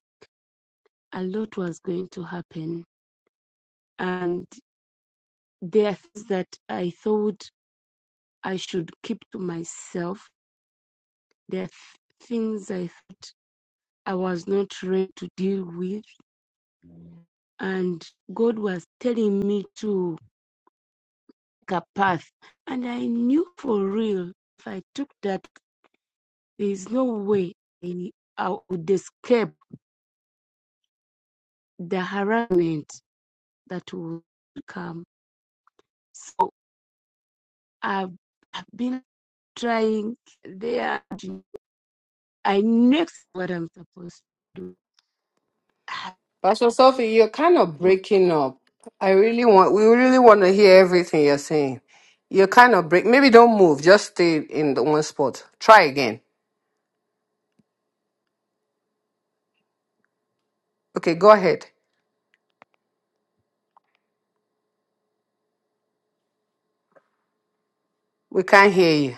Speaker 3: a lot was going to happen. And there are things that I thought I should keep to myself. There are things I thought I was not ready to deal with. And God was telling me to take a path. And I knew for real if I took that There is no way I, I would escape the harassment that will come. So I've, I've been trying there. I know what I'm supposed to do.
Speaker 1: Pastor Sophie, you're kind of breaking up. I really want, we really want to hear everything you're saying. You're kind of break, maybe don't move, just stay in the one spot. Try again. Okay, go ahead. We can't hear you.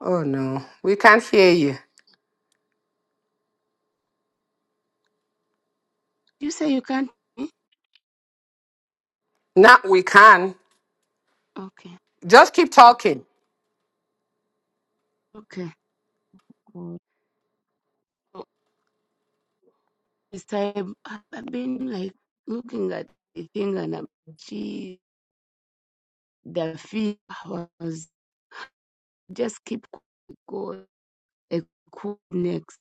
Speaker 1: Oh no, we can't hear you.
Speaker 3: You say you can't. eh?
Speaker 1: Now we can.
Speaker 3: Okay,
Speaker 1: Just keep talking.
Speaker 3: okay, cool. So This time I- have been like looking at the thing and um, she, the fee was just keep going A cool next.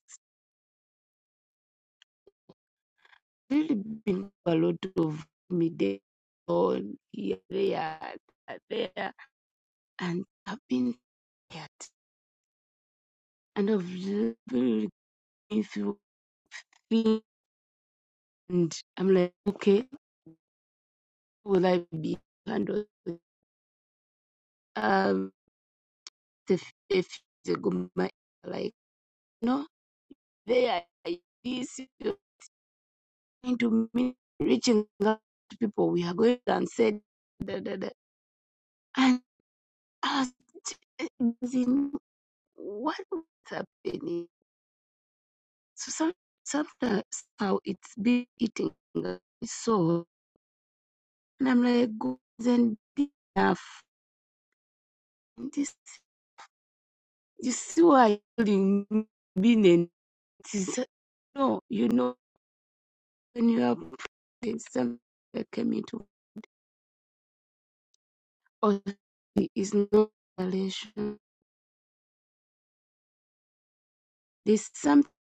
Speaker 3: Really been a lot of midday on here, there, there, and I've been tired. And I've really been through things, and I'm like, okay, will I be handled? Um, a few days ago, my like, no, they are this going to me reaching out to people. We are going and said, da, da, da. And I was in what was happening. So some, sometimes how it's been eating at my soul, and I'm like, God isn't big enough. This, you see why you've been in this. No, you know when you are praying, something that came into us is not a relation. There's something.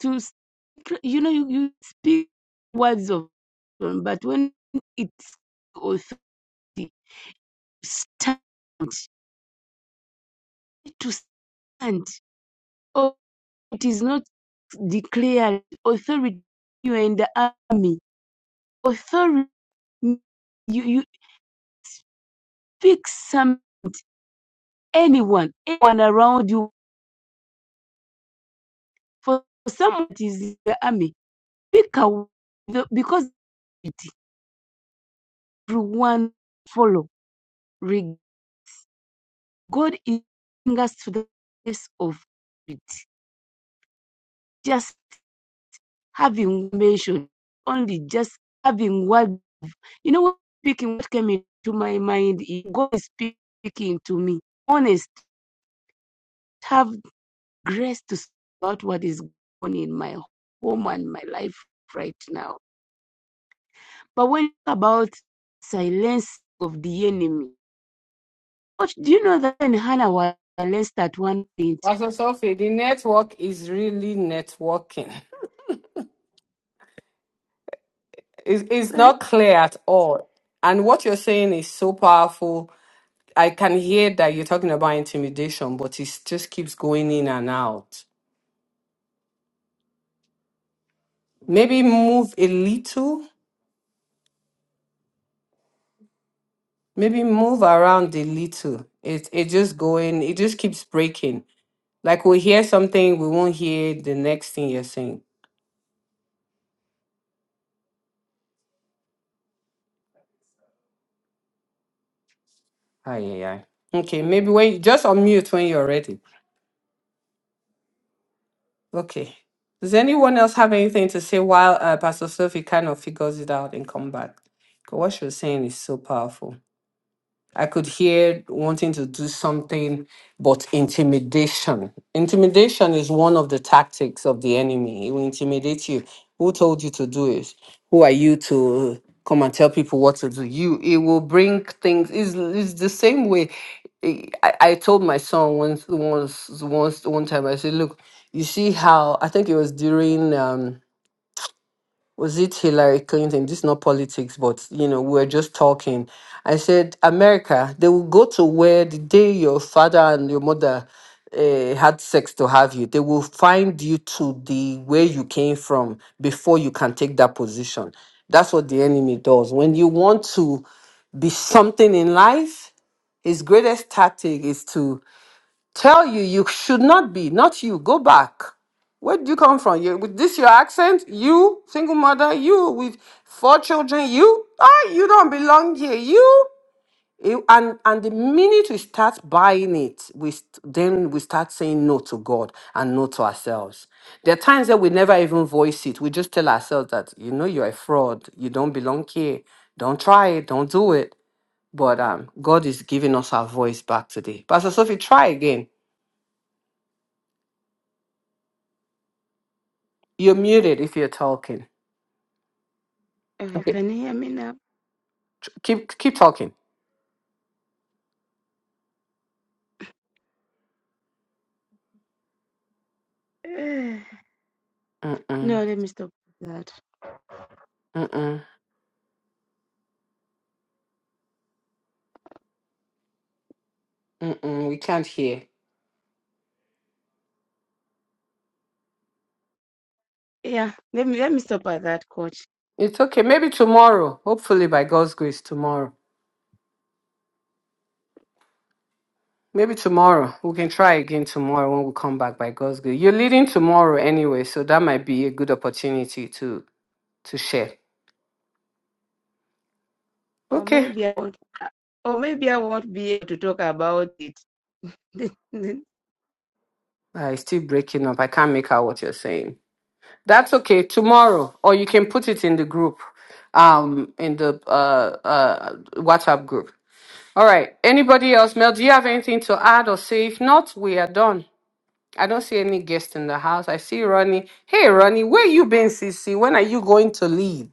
Speaker 3: to speak, you know, you, you speak words of wisdom, but when it's authority, stand, to stand. Oh, it is not declared authority. You are in the army. Authority, you, you pick some, anyone, anyone around you. For someone that is in the army, pick a, the, because everyone follow. God is bringing us to the place of authority just having mentioned, only just having word. You know what speaking what came into my mind is God is speaking to me. Honest, have grace to speak about what is going on in my home and my life right now. But when about silence of the enemy, what do you know that when Hannah was silenced at one point?
Speaker 1: Pastor Sophie, the network is really networking. [LAUGHS] It's, it's
Speaker 3: Sorry,
Speaker 1: not clear at all. And what you're saying is so powerful I can hear that you're talking about intimidation, but it just keeps going in and out. Maybe move a little, maybe move around a little. It it just going, it just keeps breaking. Like we hear something, we won't hear the next thing you're saying. Aye, aye, aye. Okay, maybe when just unmute when you're ready. Okay. Does anyone else have anything to say while uh, Pastor Sophie kind of figures it out and come back? 'Cause what she was saying is so powerful. I could hear wanting to do something, but intimidation. Intimidation is one of the tactics of the enemy. It will intimidate you. Who told you to do it? Who are you to come and tell people what to do? You. It will bring things. It's it's the same way. I, I I told my son once once once one time. I said, look, you see how I think it was during. Um, was it Hillary Clinton? This is not politics, but you know, we we're just talking. I said, America, they will go to where the day your father and your mother uh, had sex to have you, they will find you to the where you came from before you can take that position. That's what the enemy does. When you want to be something in life, his greatest tactic is to tell you you should not be not you go back where did you come from you with this your accent you single mother you with four children you ah you don't belong here you You- and and the minute we start buying it we st- then we start saying no to god and no to ourselves there are times that we never even voice it we just tell ourselves that you know you're a fraud you don't belong here don't try it don't do it but um god is giving us our voice back today pastor sophie try again You're muted if you're talking.
Speaker 3: uh,
Speaker 1: Okay,
Speaker 3: can you hear me now? [SIGHS]
Speaker 1: keep keep talking.
Speaker 3: [LAUGHS] Uh,
Speaker 1: Mm-mm,
Speaker 3: No, let me stop that.
Speaker 1: mm-mm, mm-mm, we can't hear.
Speaker 3: Yeah, let me let me stop at that, coach.
Speaker 1: It's okay. Maybe tomorrow. Hopefully, by God's grace, tomorrow. Maybe tomorrow. We can try again tomorrow when we come back by God's grace. You're leading tomorrow anyway, so that might be a good opportunity to to share.
Speaker 3: Or
Speaker 1: Okay.
Speaker 3: maybe I won't, or maybe I won't be able to talk about it. [LAUGHS]
Speaker 1: Uh, it's still breaking up. I can't make out what you're saying. That's okay. Tomorrow, or you can put it in the group, um, in the uh, uh, WhatsApp group. All right. Anybody else? Mel, do you have anything to add or say? If not, we are done. I don't see any guest in the house. I see Ronnie. Hey, Ronnie, where you been, CC? When are you going to lead?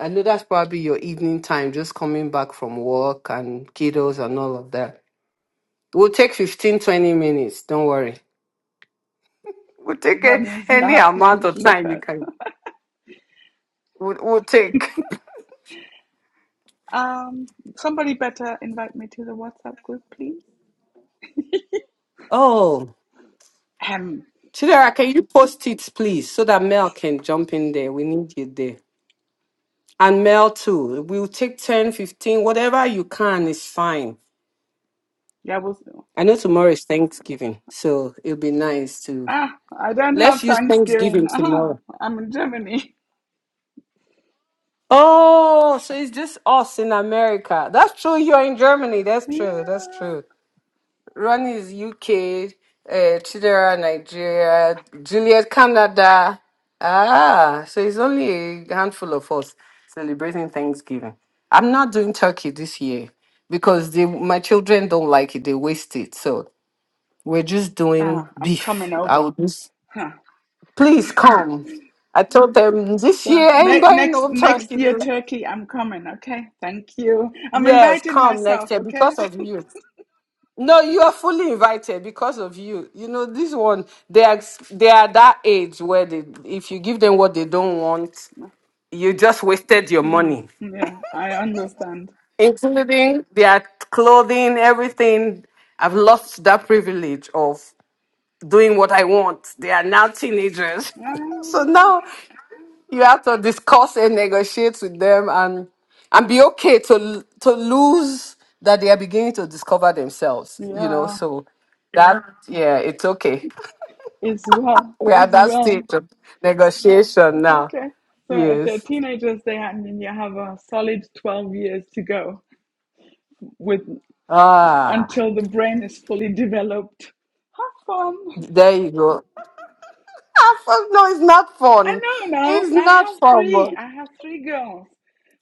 Speaker 1: I know that's probably your evening time, just coming back from work and kiddos and all of that. We'll take 15, 20 minutes. Don't worry. We'll take a,
Speaker 2: Ronnie's
Speaker 1: any amount
Speaker 2: laughing.
Speaker 1: of
Speaker 2: Look
Speaker 1: time you
Speaker 2: at.
Speaker 1: can. We'll, we'll take.
Speaker 2: Um, somebody better invite me to the WhatsApp group, please.
Speaker 1: Oh,
Speaker 2: Um,
Speaker 1: Chidera, can you post it, please, so that Mel can jump in there? We need you there. And mail too. We'll take 10, 15, whatever you can is fine.
Speaker 2: yeah, we'll. see.
Speaker 1: I know tomorrow is Thanksgiving, so it'll be nice to
Speaker 2: Ah, I don't
Speaker 1: let's
Speaker 2: have
Speaker 1: use
Speaker 2: Thanksgiving.
Speaker 1: Thanksgiving
Speaker 2: Ah,
Speaker 1: tomorrow.
Speaker 2: I'm in Germany. [LAUGHS]
Speaker 1: Oh, so it's just us in America. That's true. You're in Germany. That's true. That's
Speaker 2: Yeah.
Speaker 1: true. Ronnie is UK, uh, Chidera Nigeria, Juliet Canada. Ah, so it's only a handful of us celebrating Thanksgiving. I'm not doing turkey this year because they, my children don't like it. They waste it. So we're just doing
Speaker 2: Ah, I'm
Speaker 1: beef.
Speaker 2: coming
Speaker 1: I
Speaker 2: over.
Speaker 1: would just
Speaker 2: Huh.
Speaker 1: please come. I told them this
Speaker 2: So
Speaker 1: year I ain't
Speaker 2: ne-
Speaker 1: buying
Speaker 2: next
Speaker 1: no
Speaker 2: next
Speaker 1: turkey.
Speaker 2: year, Turkey, I'm coming. Okay, thank you. I'm
Speaker 1: Yes,
Speaker 2: inviting
Speaker 1: come
Speaker 2: myself.
Speaker 1: next year
Speaker 2: Okay.
Speaker 1: because of you. No, you are fully invited because of you. You know, this one, they are they are that age where they if you give them what they don't want,
Speaker 2: [LAUGHS]
Speaker 1: you just wasted your
Speaker 2: Mm,
Speaker 1: money.
Speaker 2: yeah, I understand.
Speaker 1: Including their clothing, everything. I've lost that privilege of doing what I want. They are now teenagers. [LAUGHS] so
Speaker 2: Um,
Speaker 1: now you have to discuss and negotiate with them and and be okay to to lose that they are beginning to discover themselves, you know.
Speaker 2: yeah,
Speaker 1: So that yeah, yeah, it's okay.
Speaker 2: as well, [LAUGHS]
Speaker 1: We are
Speaker 2: as
Speaker 1: at that stage
Speaker 2: well.
Speaker 1: of negotiation now.
Speaker 2: Okay. So if they're
Speaker 1: Yes.
Speaker 2: teenagers, they I mean you have a solid 12 years to go with
Speaker 1: Ah,
Speaker 2: until the brain is fully developed. Have fun.
Speaker 1: there you go. Ah, fun. No, it's not
Speaker 2: I
Speaker 1: fun.
Speaker 2: know now.
Speaker 1: It's
Speaker 2: I
Speaker 1: not
Speaker 2: have
Speaker 1: fun.
Speaker 2: three. I have three girls.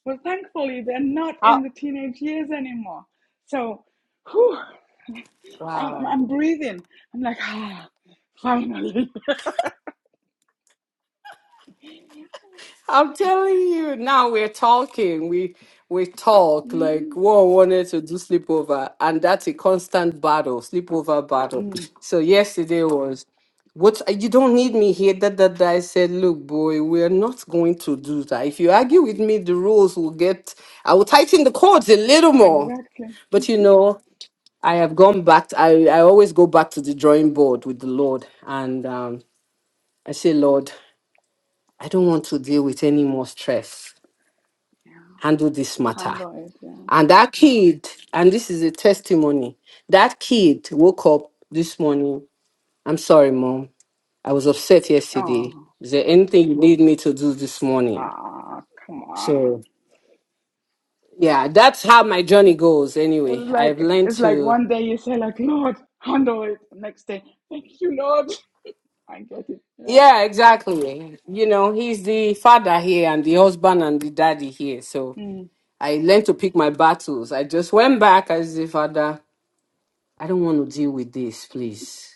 Speaker 2: Well, thankfully, they're not in
Speaker 1: How?
Speaker 2: the teenage years anymore. So, whew, I'm,
Speaker 1: Wow.
Speaker 2: I'm breathing. I'm like, ah, finally.
Speaker 1: I'm telling you, now we're talking. We we
Speaker 2: [LAUGHS]
Speaker 1: talk
Speaker 2: hmm
Speaker 1: like one wanted to do sleepover, and that's a constant battle, sleepover battle.
Speaker 2: Mm,
Speaker 1: So yesterday was what you don't need me here. That that that. I said, look, boy, we're not going to do that. If you argue with me, the rules will get. I will tighten the cords a little more.
Speaker 2: exactly.
Speaker 1: But you know, I have gone back. To, I I always go back to the drawing board with the Lord, and um, I say, Lord, I don't want to deal with any more stress.
Speaker 2: Yeah.
Speaker 1: handle this matter.
Speaker 2: Handle it, yeah.
Speaker 1: And that kid, and this is a testimony, that kid woke up this morning. I'm sorry, mom. I was upset yesterday.
Speaker 2: Oh,
Speaker 1: Is there anything you need me to do this morning?
Speaker 2: ah, come on.
Speaker 1: So, yeah, that's how my journey goes anyway.
Speaker 2: It's like
Speaker 1: I've learned
Speaker 2: it's like
Speaker 1: to,
Speaker 2: one day you say like Lord, handle it. Next day, thank you, Lord. [LAUGHS] I get it. Yeah.
Speaker 1: yeah, exactly. You know, he's the father here and the husband and the daddy here. So
Speaker 2: Mm,
Speaker 1: I learned to pick my battles. I just went back as the father. I don't want to deal with this, please.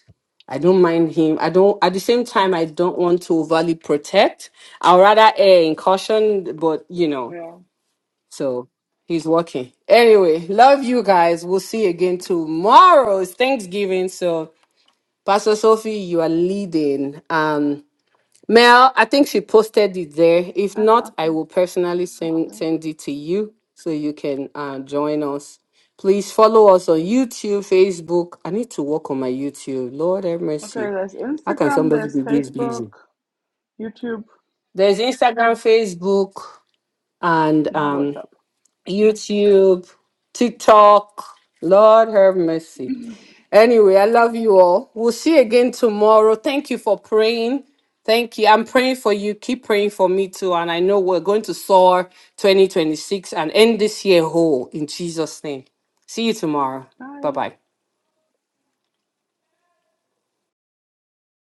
Speaker 1: I don't mind him. I don't, at the same time, I don't want to overly protect. I'll rather err in caution, but you know,
Speaker 2: yeah.
Speaker 1: so he's working. Anyway, love you guys. We'll see you again tomorrow. It's Thanksgiving. So, Pastor Sophie, you are leading. Um, Mel, I think she posted it there. If
Speaker 2: Ah,
Speaker 1: not, I
Speaker 2: okay.
Speaker 1: will personally
Speaker 2: Thank
Speaker 1: send
Speaker 2: you.
Speaker 1: send it to you so you can uh, join us. Please follow us on YouTube, Facebook. I need to work on my YouTube. Lord have
Speaker 2: Okay,
Speaker 1: mercy.
Speaker 2: there's
Speaker 1: How can
Speaker 2: Instagram,
Speaker 1: somebody
Speaker 2: there's
Speaker 1: be this
Speaker 2: Facebook,
Speaker 1: busy?
Speaker 2: YouTube,
Speaker 1: There's Instagram, Facebook, and
Speaker 2: no
Speaker 1: um,
Speaker 2: WhatsApp.
Speaker 1: YouTube, TikTok. Lord have mercy. Anyway, I love you all. We'll see you again tomorrow. Thank you for praying. Thank you. I'm praying for you. Keep praying for me too. And I know we're going to soar 2026 and end this year whole in Jesus' name. See you tomorrow. Bye
Speaker 2: Bye.
Speaker 1: bye.